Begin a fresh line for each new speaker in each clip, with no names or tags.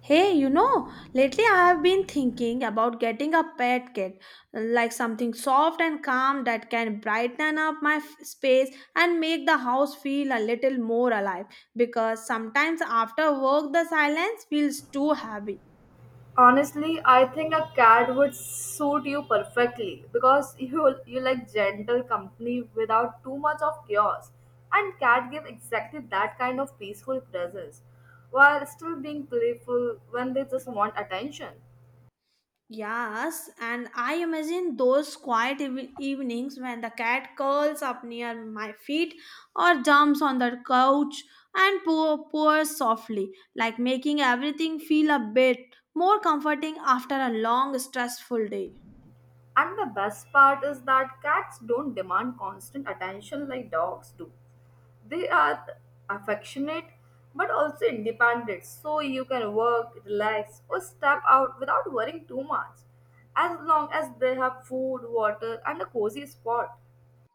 Hey, you know, lately I have been thinking about getting a pet cat, like something soft and calm that can brighten up my space and make the house feel a little more alive because sometimes after work the silence feels too heavy.
Honestly, I think a cat would suit you perfectly because you like gentle company without too much of chaos. And cat give exactly that kind of peaceful presence while still being playful when they just want attention.
Yes, and I imagine those quiet evenings when the cat curls up near my feet or jumps on the couch and purrs softly, like making everything feel a bit more comforting after a long, stressful day.
And the best part is that cats don't demand constant attention like dogs do. They are affectionate but also independent, so you can work, relax, or step out without worrying too much, as long as they have food, water, and a cozy spot.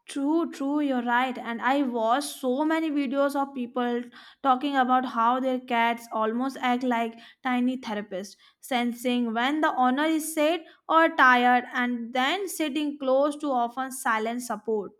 True, true, you're right. And I watched so many videos of people talking about how their cats almost act like tiny therapists, sensing when the owner is sad or tired and then sitting close to often silent support.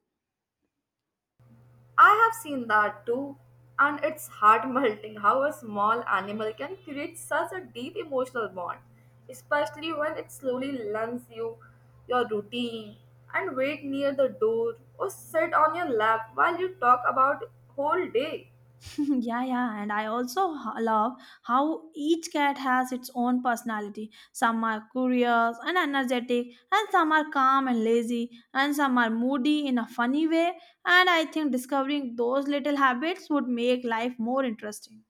I have seen that too, and it's heart melting how a small animal can create such a deep emotional bond, especially when it slowly learns you your routine and wait near the door or sit on your lap while you talk about whole day.
Yeah, yeah, and I also love how each cat has its own personality. Some are curious and energetic, and some are calm and lazy, and some are moody in a funny way. And I think discovering those little habits would make life more interesting.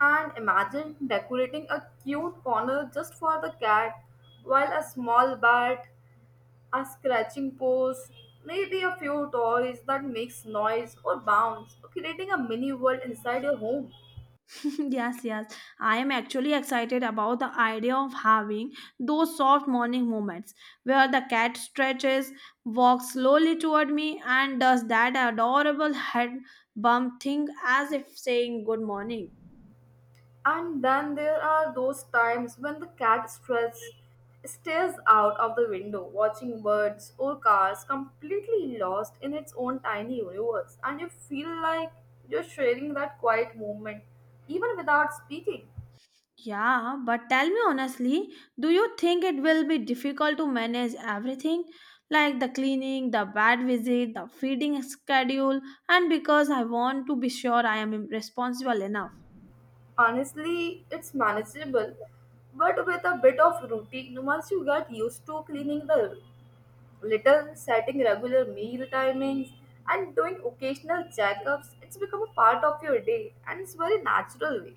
And imagine decorating a cute corner just for the cat, while a small bat, a scratching post, maybe a few toys that makes noise or bounce, creating a mini world inside your home.
Yes, yes. I am actually excited about the idea of having those soft morning moments where the cat stretches, walks slowly toward me, and does that adorable head bump thing as if saying good morning.
And then there are those times when the cat stress stares out of the window, watching birds or cars completely lost in its own tiny universe, and you feel like you're sharing that quiet moment even without speaking.
Yeah, but tell me honestly, do you think it will be difficult to manage everything? Like the cleaning, the vet visit, the feeding schedule, and because I want to be sure I am responsible enough.
Honestly, it's manageable, but with a bit of routine, once you get used to cleaning the litter, setting regular meal timings, and doing occasional checkups, it's become a part of your day and it's very natural way.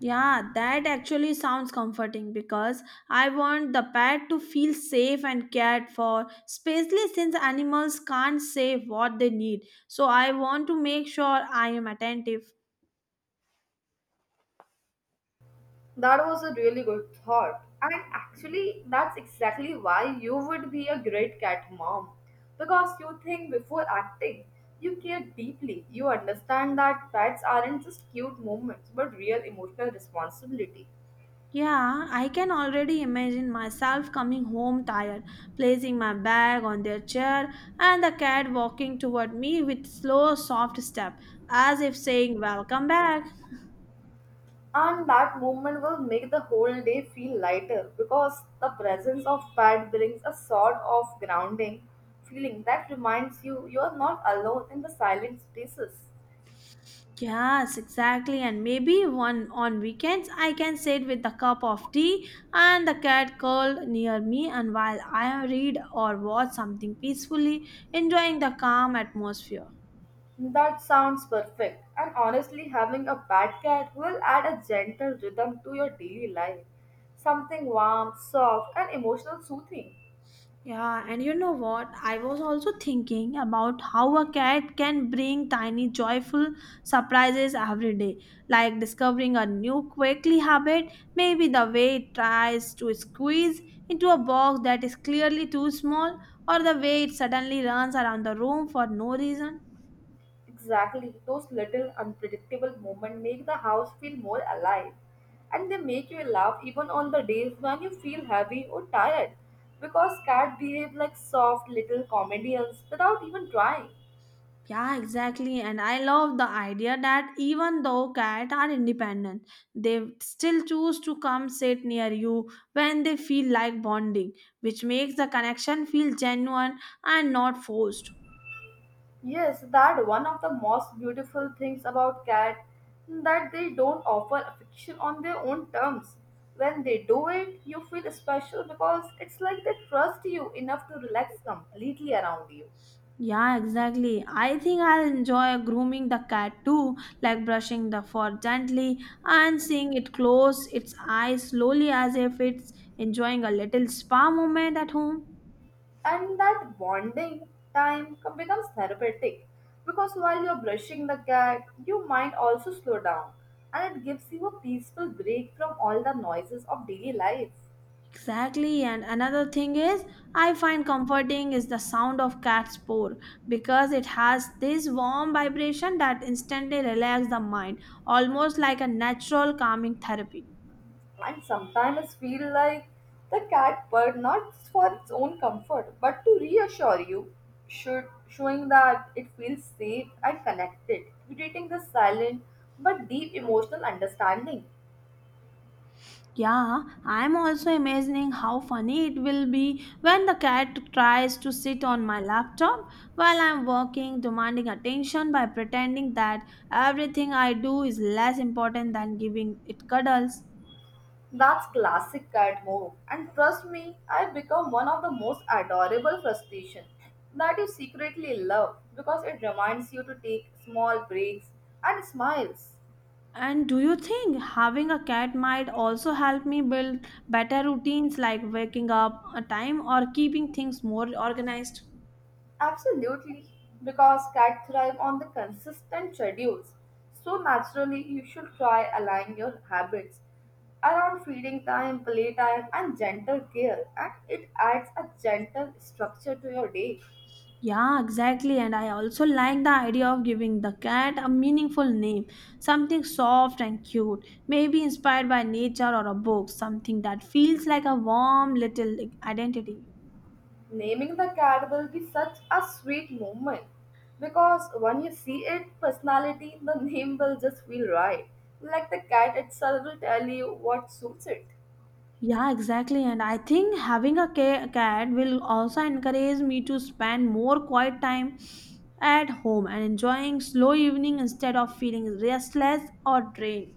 Yeah, that actually sounds comforting because I want the pet to feel safe and cared for, especially since animals can't say what they need. So I want to make sure I am attentive.
That was a really good thought. And actually, that's exactly why you would be a great cat mom. Because you think before acting, you care deeply. You understand that pets aren't just cute moments but real emotional responsibility.
Yeah, I can already imagine myself coming home tired, placing my bag on their chair, and the cat walking toward me with slow, soft step, as if saying, Welcome back.
And that movement will make the whole day feel lighter because the presence of pad brings a sort of grounding feeling that reminds you you are not alone in the silent spaces.
Yes, exactly. And maybe one on weekends I can sit with a cup of tea and the cat curled near me and while I read or watch something peacefully, enjoying the calm atmosphere.
That sounds perfect, and honestly, having a pet cat will add a gentle rhythm to your daily life something warm, soft, and emotional soothing.
Yeah, and you know what? I was also thinking about how a cat can bring tiny joyful surprises every day, like discovering a new quirky habit, maybe the way it tries to squeeze into a box that is clearly too small, or the way it suddenly runs around the room for no reason.
Exactly, those little unpredictable moments make the house feel more alive and they make you laugh even on the days when you feel heavy or tired because cats behave like soft little comedians without even trying.
Yeah, exactly. And I love the idea that even though cats are independent, they still choose to come sit near you when they feel like bonding, which makes the connection feel genuine and not forced.
Yes, that one of the most beautiful things about cat that they don't offer affection on their own terms. When they do it, you feel special because it's like they trust you enough to relax completely around you.
Yeah, exactly. I think I'll enjoy grooming the cat too, like brushing the fur gently and seeing it close its eyes slowly as if it's enjoying a little spa moment at home.
And that bonding time becomes therapeutic because while you're brushing the cat you might also slow down and it gives you a peaceful break from all the noises of daily life.
Exactly, and another thing is, I find comforting is the sound of cat's paw because it has this warm vibration that instantly relaxes the mind, almost like a natural calming therapy.
And sometimes feel like the cat purred not for its own comfort but to reassure you should showing that it feels safe and connected creating this silent but deep emotional understanding.
Yeah, I'm also imagining how funny it will be when the cat tries to sit on my laptop while I'm working, demanding attention by pretending that everything I do is less important than giving it cuddles.
That's classic cat move. And trust me, I've become one of the most adorable frustration that you secretly love because it reminds you to take small breaks and smiles.
And do you think having a cat might also help me build better routines like waking up a time or keeping things more organized?
Absolutely. Because cats thrive on the consistent schedules. So naturally, you should try aligning your habits around feeding time, playtime, and gentle care, and it adds a gentle structure to your day.
Yeah, exactly. And I also like the idea of giving the cat a meaningful name, something soft and cute, maybe inspired by nature or a book, something that feels like a warm little identity.
Naming the cat will be such a sweet moment because when you see it personality, the name will just feel right. Like the cat itself will tell you what suits it.
Yeah, exactly. And I think having a cat will also encourage me to spend more quiet time at home and enjoying slow evening instead of feeling restless or drained.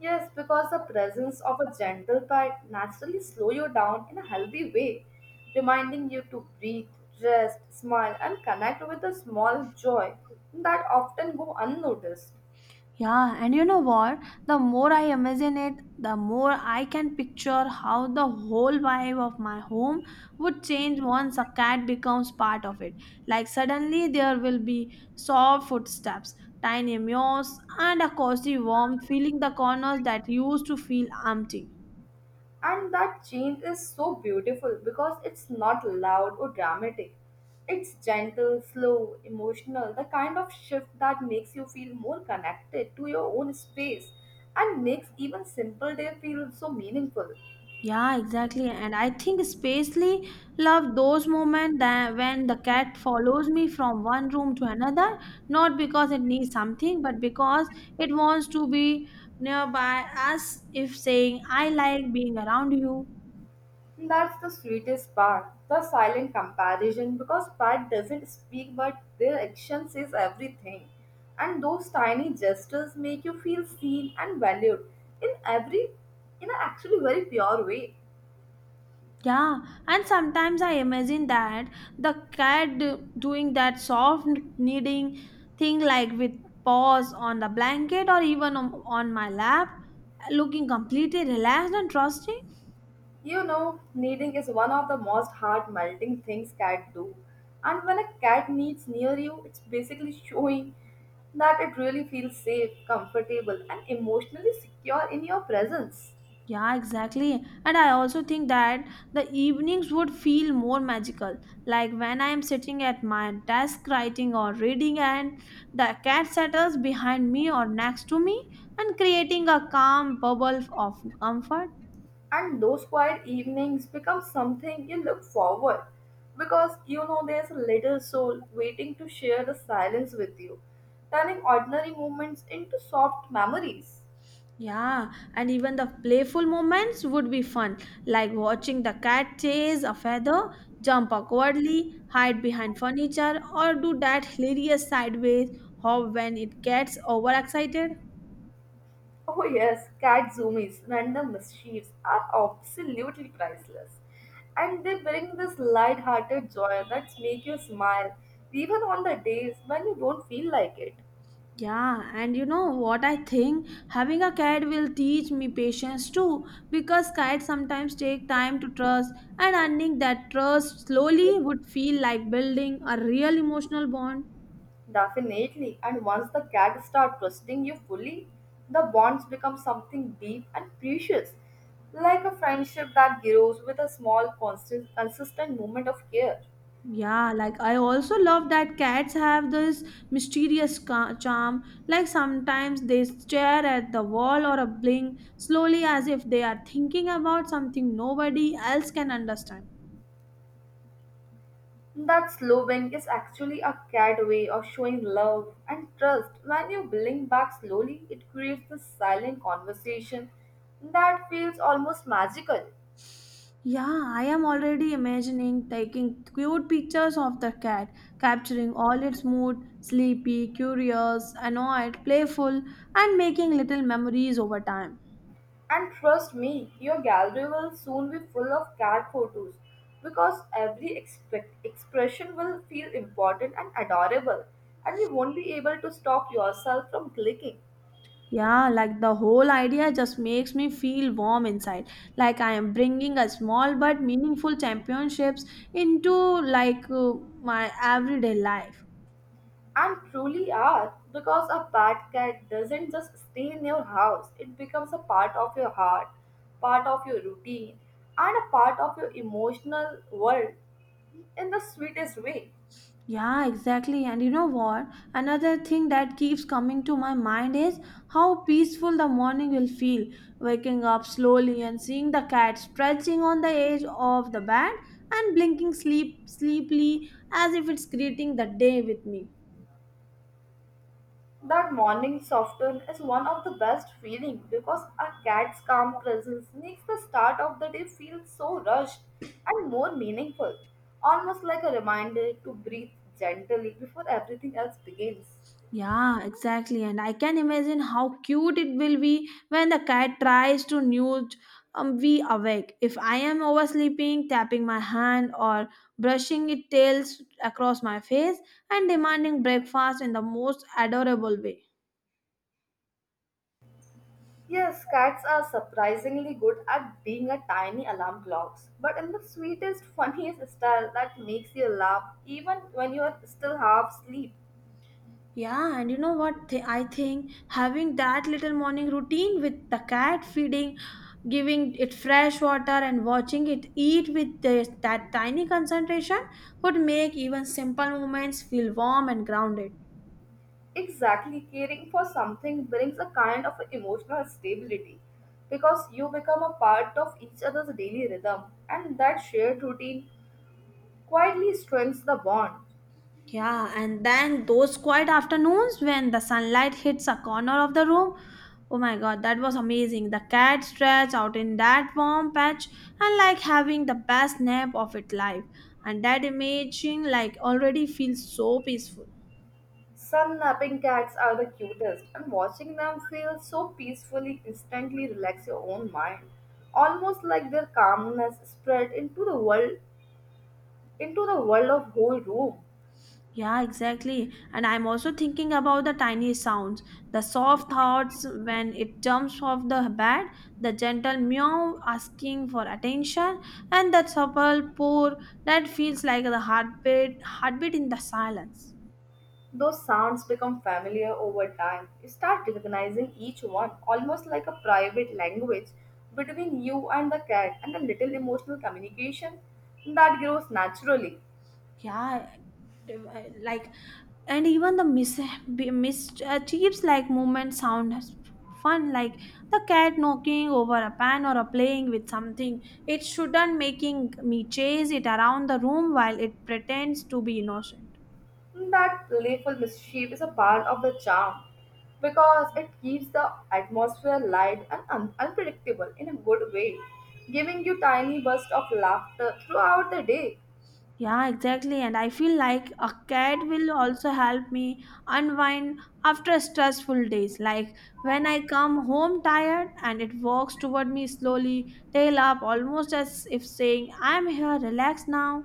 Yes, because the presence of a gentle pet naturally slow you down in a healthy way, reminding you to breathe, rest, smile, and connect with the small joy that often go unnoticed.
Yeah, and you know what? The more I imagine it, the more I can picture how the whole vibe of my home would change once a cat becomes part of it. Like suddenly there will be soft footsteps, tiny meows, and a cozy warmth filling the corners that used to feel empty.
And that change is so beautiful because it's not loud or dramatic. It's gentle, slow, emotional, the kind of shift that makes you feel more connected to your own space and makes even simple day feel so meaningful.
Yeah, exactly. And I think especially love those moments that when the cat follows me from one room to another, not because it needs something, but because it wants to be nearby as if saying, I like being around you.
That's the sweetest part, the silent comparison because pride doesn't speak but their action says everything. And those tiny gestures make you feel seen and valued in every in an actually very pure way.
Yeah, and sometimes I imagine that the cat doing that soft kneading thing like with paws on the blanket or even on my lap, looking completely relaxed and trusting.
You know, kneading is one of the most heart melting things cat do. And when a cat kneads near you, it's basically showing that it really feels safe, comfortable, and emotionally secure in your presence.
Yeah, exactly. And I also think that the evenings would feel more magical, like when I am sitting at my desk writing or reading, and the cat settles behind me or next to me and creating a calm bubble of comfort.
And those quiet evenings become something you look forward because you know there's a little soul waiting to share the silence with you, turning ordinary moments into soft memories.
Yeah, and even the playful moments would be fun, like watching the cat chase a feather, jump awkwardly, hide behind furniture, or do that hilarious sideways hop when it gets overexcited.
Oh yes, cat zoomies, random mischiefs are absolutely priceless. And they bring this light-hearted joy that make you smile even on the days when you don't feel like it.
Yeah, and you know what I think? Having a cat will teach me patience too, because cats sometimes take time to trust, and earning that trust slowly would feel like building a real emotional bond.
Definitely, and once the cat start trusting you fully, the bonds become something deep and precious, like a friendship that grows with a small constant consistent moment of care.
Yeah, like I also love that cats have this mysterious charm. Like sometimes they stare at the wall or a bling slowly as if they are thinking about something nobody else can understand.
That slow wink is actually a cat way of showing love and trust. When you blink back slowly, it creates this silent conversation that feels almost magical.
Yeah, I am already imagining taking cute pictures of the cat, capturing all its mood sleepy, curious, annoyed, playful, and making little memories over time.
And trust me, your gallery will soon be full of cat photos because every expression will feel important and adorable, and you won't be able to stop yourself from clicking.
Yeah, like the whole idea just makes me feel warm inside, like I am bringing a small but meaningful championships into my everyday life.
And truly are, because a pet cat doesn't just stay in your house, it becomes a part of your heart, part of your routine, and a part of your emotional world in the sweetest way.
Yeah, exactly. And you know what? Another thing that keeps coming to my mind is how peaceful the morning will feel. Waking up slowly and seeing the cat stretching on the edge of the bed and blinking sleepily as if it's greeting the day with me.
That morning softness is one of the best feeling because a cat's calm presence makes the start of the day feel so rushed and more meaningful, almost like a reminder to breathe gently before everything else begins.
Yeah, exactly. And I can imagine how cute it will be when the cat tries to nudge we awake. If I am oversleeping, tapping my hand or brushing its tails across my face and demanding breakfast in the most adorable way.
Yes, cats are surprisingly good at being a tiny alarm clocks, but in the sweetest, funniest style that makes you laugh even when you are still half asleep.
Yeah, and you know what? I think having that little morning routine with the cat feeding, giving it fresh water, and watching it eat with this, that tiny concentration would make even simple moments feel warm and grounded.
Exactly, caring for something brings a kind of emotional stability because you become a part of each other's daily rhythm, and that shared routine quietly strengthens the bond.
Yeah, and then those quiet afternoons when the sunlight hits a corner of the room. Oh my god, that was amazing. The cat stretched out in that warm patch and like having the best nap of its life. And that imaging like already feels so peaceful.
Some napping cats are the cutest, and watching them feels so peacefully instantly relax your own mind, almost like their calmness spread into the world of whole room.
Yeah, exactly. And I'm also thinking about the tiny sounds, the soft thoughts when it jumps off the bed, the gentle meow asking for attention, and that supple purr that feels like the heartbeat in the silence.
Those sounds become familiar over time. You start recognizing each one almost like a private language between you and the cat, and a little emotional communication that grows naturally.
Yeah, like and even the mischiefs like movement sound fun like the cat knocking over a pan or a playing with something it shouldn't, making me chase it around the room while it pretends to be innocent.
That playful mischief is a part of the charm because it keeps the atmosphere light and unpredictable in a good way, giving you tiny bursts of laughter throughout the day.
Yeah, exactly. And I feel like a cat will also help me unwind after stressful days. Like when I come home tired and it walks toward me slowly, tail up, almost as if saying, I'm here, relax now.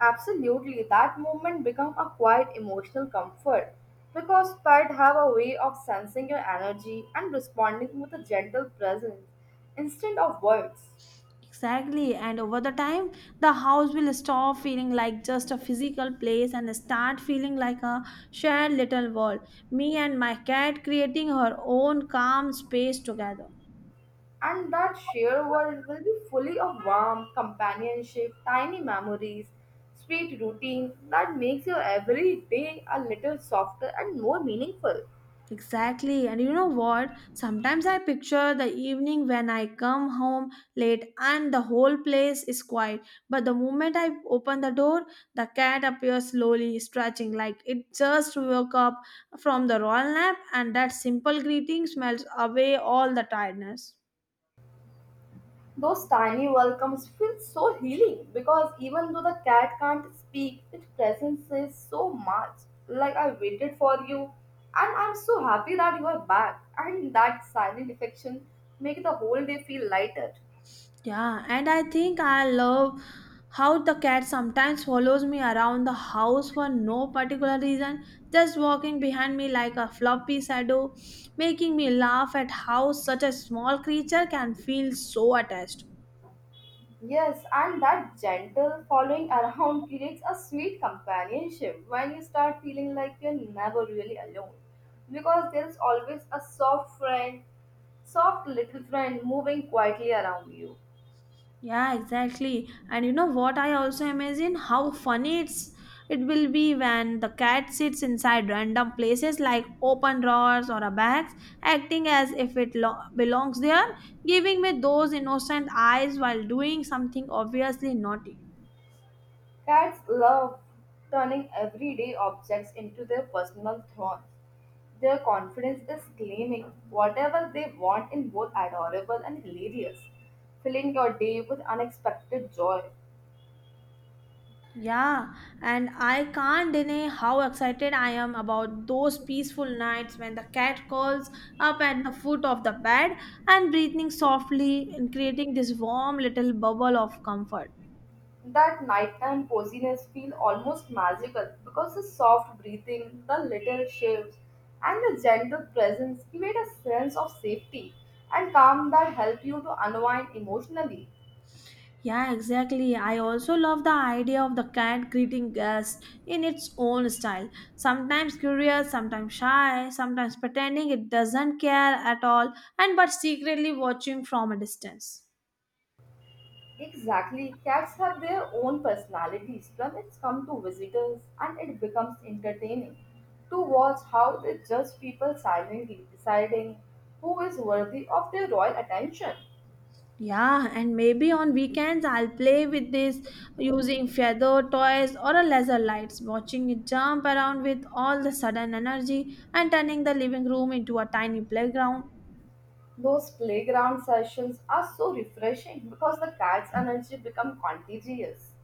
Absolutely, that moment becomes a quiet emotional comfort because pets have a way of sensing your energy and responding with a gentle presence instead of words.
Exactly. And over the time, the house will stop feeling like just a physical place and start feeling like a shared little world. Me and my cat creating her own calm space together.
And that shared world will be fully of warmth, companionship, tiny memories, sweet routines that makes your every day a little softer and more meaningful.
Exactly. And you know what? Sometimes I picture the evening when I come home late and the whole place is quiet. But the moment I open the door, the cat appears slowly, stretching like it just woke up from the royal nap, and that simple greeting smells away all the tiredness.
Those tiny welcomes feel so healing because even though the cat can't speak, its presence says so much. Like I waited for you, and I'm so happy that you are back. And that silent affection make the whole day feel lighter.
Yeah, and I think I love how the cat sometimes follows me around the house for no particular reason, just walking behind me like a floppy shadow, making me laugh at how such a small creature can feel so attached.
Yes, and that gentle following around creates a sweet companionship when you start feeling like you're never really alone. Because there's always a soft friend, soft little friend moving quietly around you.
Yeah, exactly. And you know what? I also imagine how funny it will be when the cat sits inside random places like open drawers or a bags, acting as if it belongs there, giving me those innocent eyes while doing something obviously naughty.
Cats love turning everyday objects into their personal thrones. Their confidence is claiming whatever they want in both adorable and hilarious, filling your day with unexpected joy.
Yeah, and I can't deny how excited I am about those peaceful nights when the cat curls up at the foot of the bed and breathing softly and creating this warm little bubble of comfort.
That nighttime coziness feel almost magical because the soft breathing, the little shifts, and the gentle presence create a sense of safety and calm that help you to unwind emotionally.
Yeah, exactly. I also love the idea of the cat greeting guests in its own style. Sometimes curious, sometimes shy, sometimes pretending it doesn't care at all, and but secretly watching from a distance.
Exactly, cats have their own personalities when it's come to visitors, and it becomes entertaining to watch how they judge people silently, deciding who is worthy of their royal attention.
Yeah, and maybe on weekends I'll play with this using feather toys or a laser lights, watching it jump around with all the sudden energy and turning the living room into a tiny playground.
Those playground sessions are so refreshing because the cat's energy becomes contagious.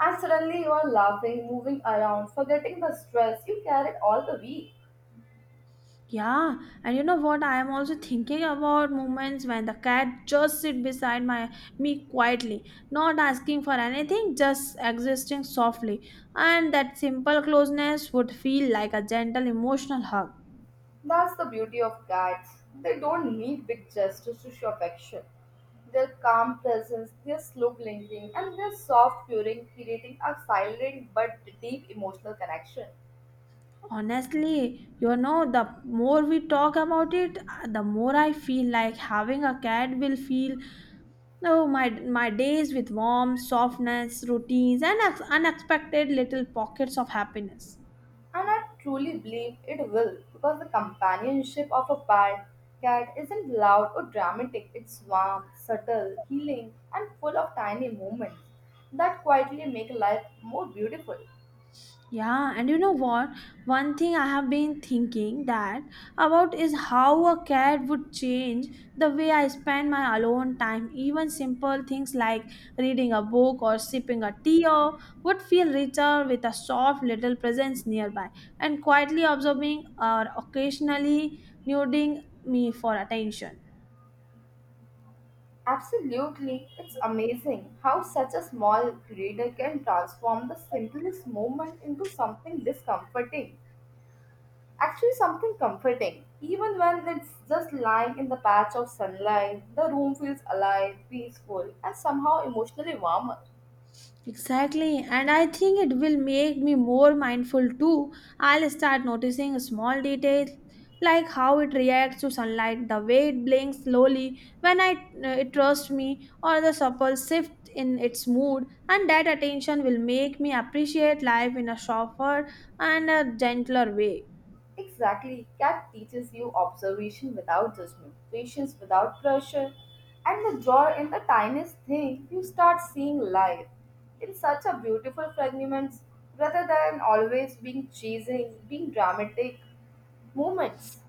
And suddenly you are laughing, moving around, forgetting the stress you carried all the week.
Yeah, and you know what? I am also thinking about moments when the cat just sit beside my me quietly, not asking for anything, just existing softly, and that simple closeness would feel like a gentle emotional hug.
That's the beauty of cats. They don't need big gestures to show affection. Their calm presence, their slow blinking, and their soft purring creating a silent but deep emotional connection.
Honestly, the more we talk about it, the more I feel like having a cat will feel no my days with warmth, softness, routines, and unexpected little pockets of happiness.
And I truly believe it will because the companionship of a pet cat isn't loud or dramatic, it's warm, subtle, healing, and full of tiny moments that quietly make life more beautiful.
Yeah, and you know what? One thing I have been thinking that about is how a cat would change the way I spend my alone time. Even simple things like reading a book or sipping a tea or would feel richer with a soft little presence nearby and quietly observing or occasionally nudging me for attention.
Absolutely, it's amazing how such a small creator can transform the simplest moment into something discomforting. Actually, something comforting. Even when it's just lying in the patch of sunlight, the room feels alive, peaceful, and somehow emotionally warmer.
Exactly, and I think it will make me more mindful too. I'll start noticing small details like how it reacts to sunlight, the way it blinks slowly when I, it trusts me, or the supple shift in its mood. And that attention will make me appreciate life in a softer and a gentler way.
Exactly, cat teaches you observation without judgment, patience without pressure, and the joy in the tiniest thing you start seeing life in such a beautiful fragments rather than always being chasing, being dramatic moments.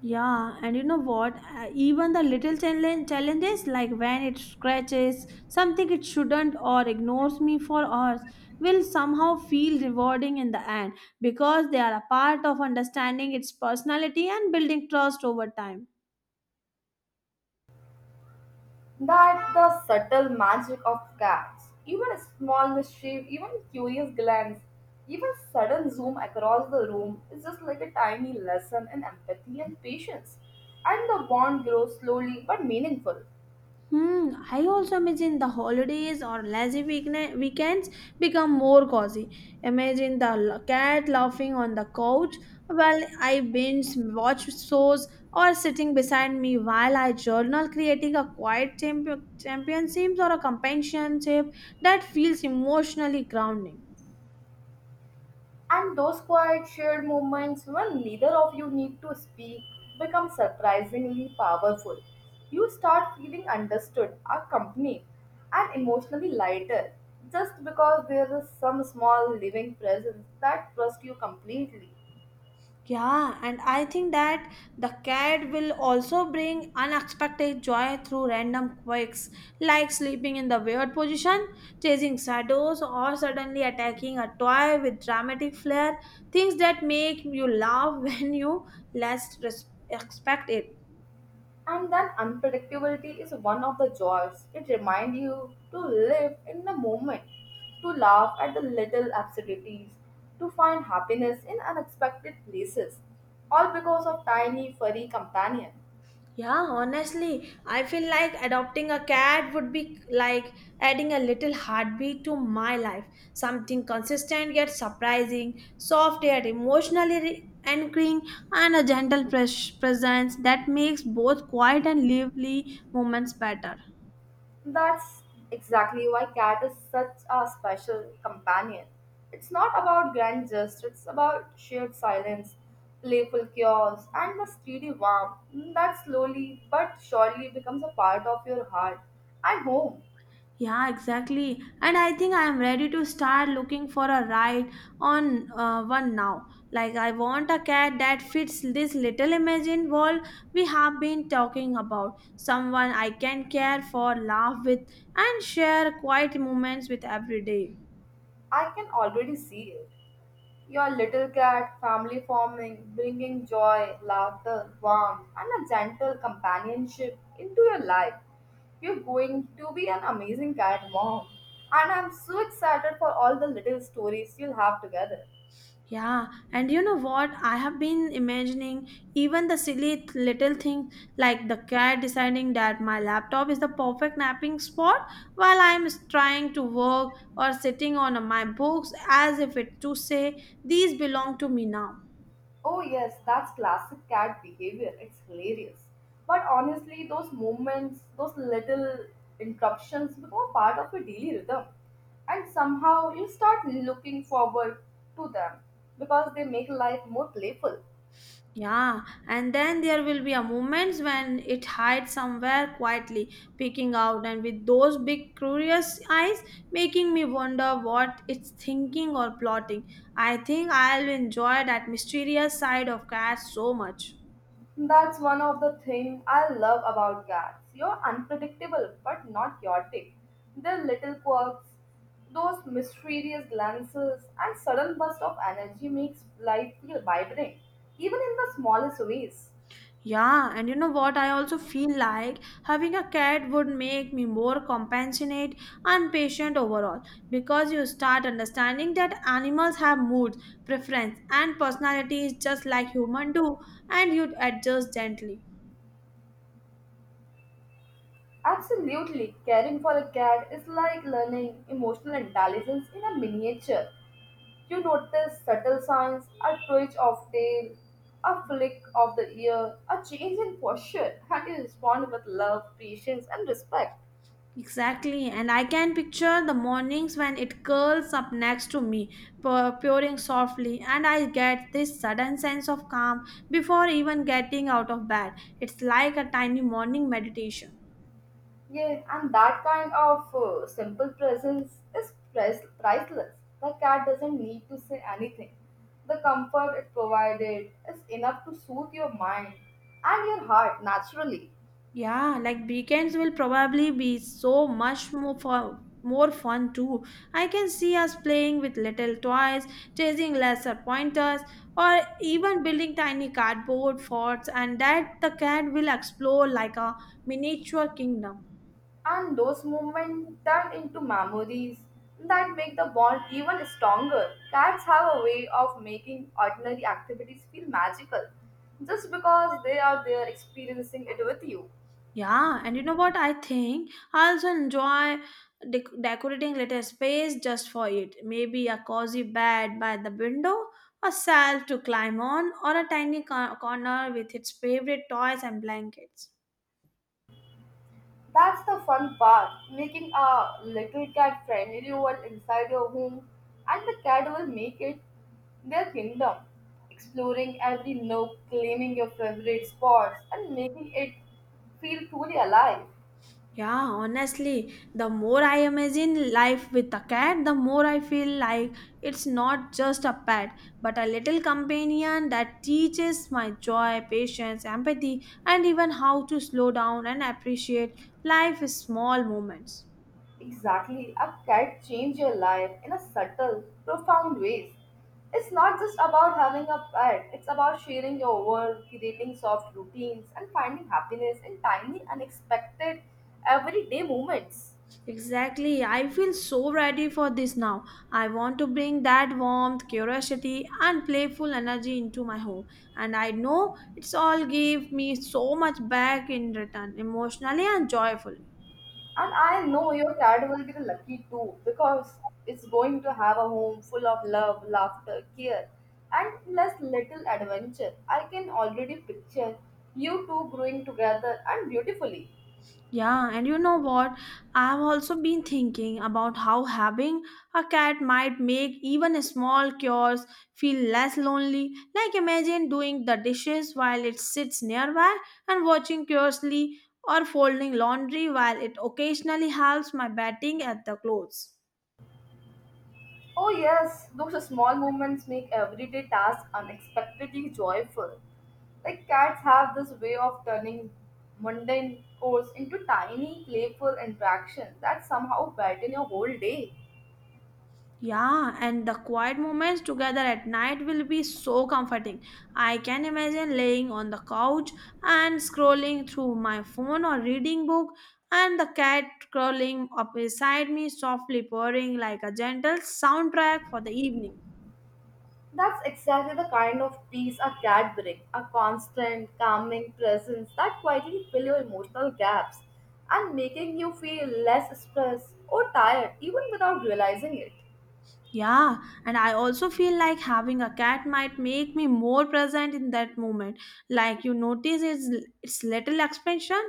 Yeah, and you know what? Even the little challenges, like when it scratches something it shouldn't or ignores me for hours, will somehow feel rewarding in the end because they are a part of understanding its personality and building trust over time.
That the subtle magic of cats, even a small mischief, even a curious glance, even sudden zoom across the room is just like a tiny lesson in empathy and patience. And the bond grows slowly but meaningful.
Hmm, I also imagine the holidays or lazy weekends become more cozy. Imagine the cat laughing on the couch while I binge watch shows or sitting beside me while I journal, creating a quiet championship or a companionship that feels emotionally grounding.
And those quiet shared moments when neither of you need to speak become surprisingly powerful. You start feeling understood, accompanied, and emotionally lighter just because there is some small living presence that trusts you completely.
Yeah, and I think that the cat will also bring unexpected joy through random quirks, like sleeping in the weird position, chasing shadows, or suddenly attacking a toy with dramatic flair. Things that make you laugh when you least expect it.
And that unpredictability is one of the joys. It reminds you to live in the moment, to laugh at the little absurdities, to find happiness in unexpected places, all because of tiny furry companion.
Yeah, honestly, I feel like adopting a cat would be like adding a little heartbeat to my life. Something consistent yet surprising, soft yet emotionally anchoring, and a gentle presence that makes both quiet and lively moments better.
That's exactly why cat is such a special companion. It's not about grand gestures, it's about shared silence, playful chaos, and the steady warmth that slowly but surely becomes a part of your heart and home.
Yeah, exactly. And I think I am ready to start looking for a ride on one now. Like, I want a cat that fits this little imagined world we have been talking about. Someone I can care for, laugh with, and share quiet moments with every day.
I can already see it. Your little cat, family forming, bringing joy, laughter, warmth, and a gentle companionship into your life. You're going to be an amazing cat mom. And I'm so excited for all the little stories you'll have together.
Yeah, and you know what? I have been imagining even the silly little thing like the cat deciding that my laptop is the perfect napping spot while I'm trying to work or sitting on my books as if it to say these belong to me now.
Oh, yes, that's classic cat behavior. It's hilarious. But honestly, those moments, those little interruptions become part of your daily rhythm. And somehow you start looking forward to them because they make life more playful.
Yeah, and then there will be a moments when it hides somewhere quietly, peeking out, and with those big curious eyes, making me wonder what it's thinking or plotting. I think I'll enjoy that mysterious side of cats so much.
That's one of the things I love about cats. You're unpredictable but not chaotic. Their little quirks, those mysterious glances, and sudden bursts of energy makes life feel vibrant, even in the smallest ways.
Yeah, and you know what? I also feel like having a cat would make me more compassionate and patient overall because you start understanding that animals have moods, preference, and personalities just like humans do, and you'd adjust gently.
Absolutely, caring for a cat is like learning emotional intelligence in a miniature. You notice subtle signs, a twitch of tail, a flick of the ear, a change in posture, and you respond with love, patience, and respect.
Exactly, and I can picture the mornings when it curls up next to me, purring softly, and I get this sudden sense of calm before even getting out of bed. It's like a tiny morning meditation.
Yeah, and that kind of simple presence is priceless. The cat doesn't need to say anything. The comfort it provided is enough to soothe your mind and your heart naturally.
Yeah, like weekends will probably be so much more fun too. I can see us playing with little toys, chasing lesser pointers, or even building tiny cardboard forts, and that the cat will explore like a miniature kingdom.
And those moments turn into memories that make the bond even stronger. Cats have a way of making ordinary activities feel magical just because they are there experiencing it with you.
Yeah, and you know what? I think I also enjoy decorating little space just for it. Maybe a cozy bed by the window, a shelf to climb on, or a tiny corner with its favorite toys and blankets.
That's the fun part, making a little cat friendly world inside your home, and the cat will make it their kingdom, exploring every nook, claiming your favorite spots, and making it feel truly alive.
Yeah, honestly, the more I imagine life with a cat, the more I feel like it's not just a pet, but a little companion that teaches my joy, patience, empathy, and even how to slow down and appreciate life's small moments.
Exactly. A cat changed your life in a subtle, profound ways. It's not just about having a pet, it's about sharing your world, creating soft routines, and finding happiness in tiny, unexpected, everyday moments.
Exactly. I feel so ready for this now. I want to bring that warmth, curiosity, and playful energy into my home. And I know it's all give me so much back in return, emotionally and joyfully.
And I know your cat will be the lucky too because it's going to have a home full of love, laughter, care, and less little adventure. I can already picture you two growing together and beautifully.
Yeah, and you know what? I've also been thinking about how having a cat might make even small chores feel less lonely. Like imagine doing the dishes while it sits nearby and watching curiously or folding laundry while it occasionally helps my batting at the clothes.
Oh, yes, those small moments make everyday tasks unexpectedly joyful. Like cats have this way of turning mundane chores into tiny, playful interactions that somehow brighten your whole day.
Yeah, and the quiet moments together at night will be so comforting. I can imagine laying on the couch and scrolling through my phone or reading book and the cat crawling up beside me softly purring like a gentle soundtrack for the evening.
That's exactly the kind of peace a cat brings a constant, calming presence that quietly fill your emotional gaps and making you feel less stressed or tired even without realizing it.
Yeah, and I also feel like having a cat might make me more present in that moment. Like you notice its little expansion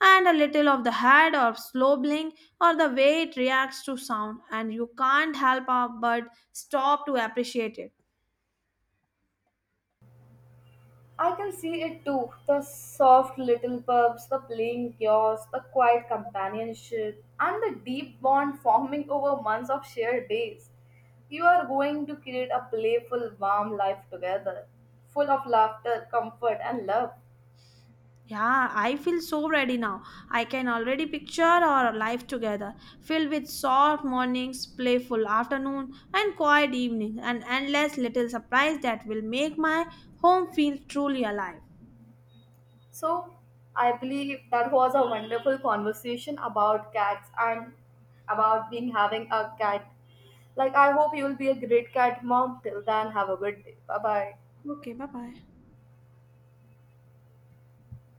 and a little of the head or slow blink or the way it reacts to sound, and you can't help up but stop to appreciate it.
I can see it too. The soft little pubs, the playing chaos, the quiet companionship, and the deep bond forming over months of shared days. You are going to create a playful, warm life together, full of laughter, comfort, and love.
Yeah, I feel so ready now. I can already picture our life together, filled with soft mornings, playful afternoon, and quiet evening, and endless little surprise that will make my home feel truly alive.
So, I believe that was a wonderful conversation about cats and about being having a cat. Like, I hope you will be a great cat mom. Till then, have a good day. Bye bye.
Okay, bye bye.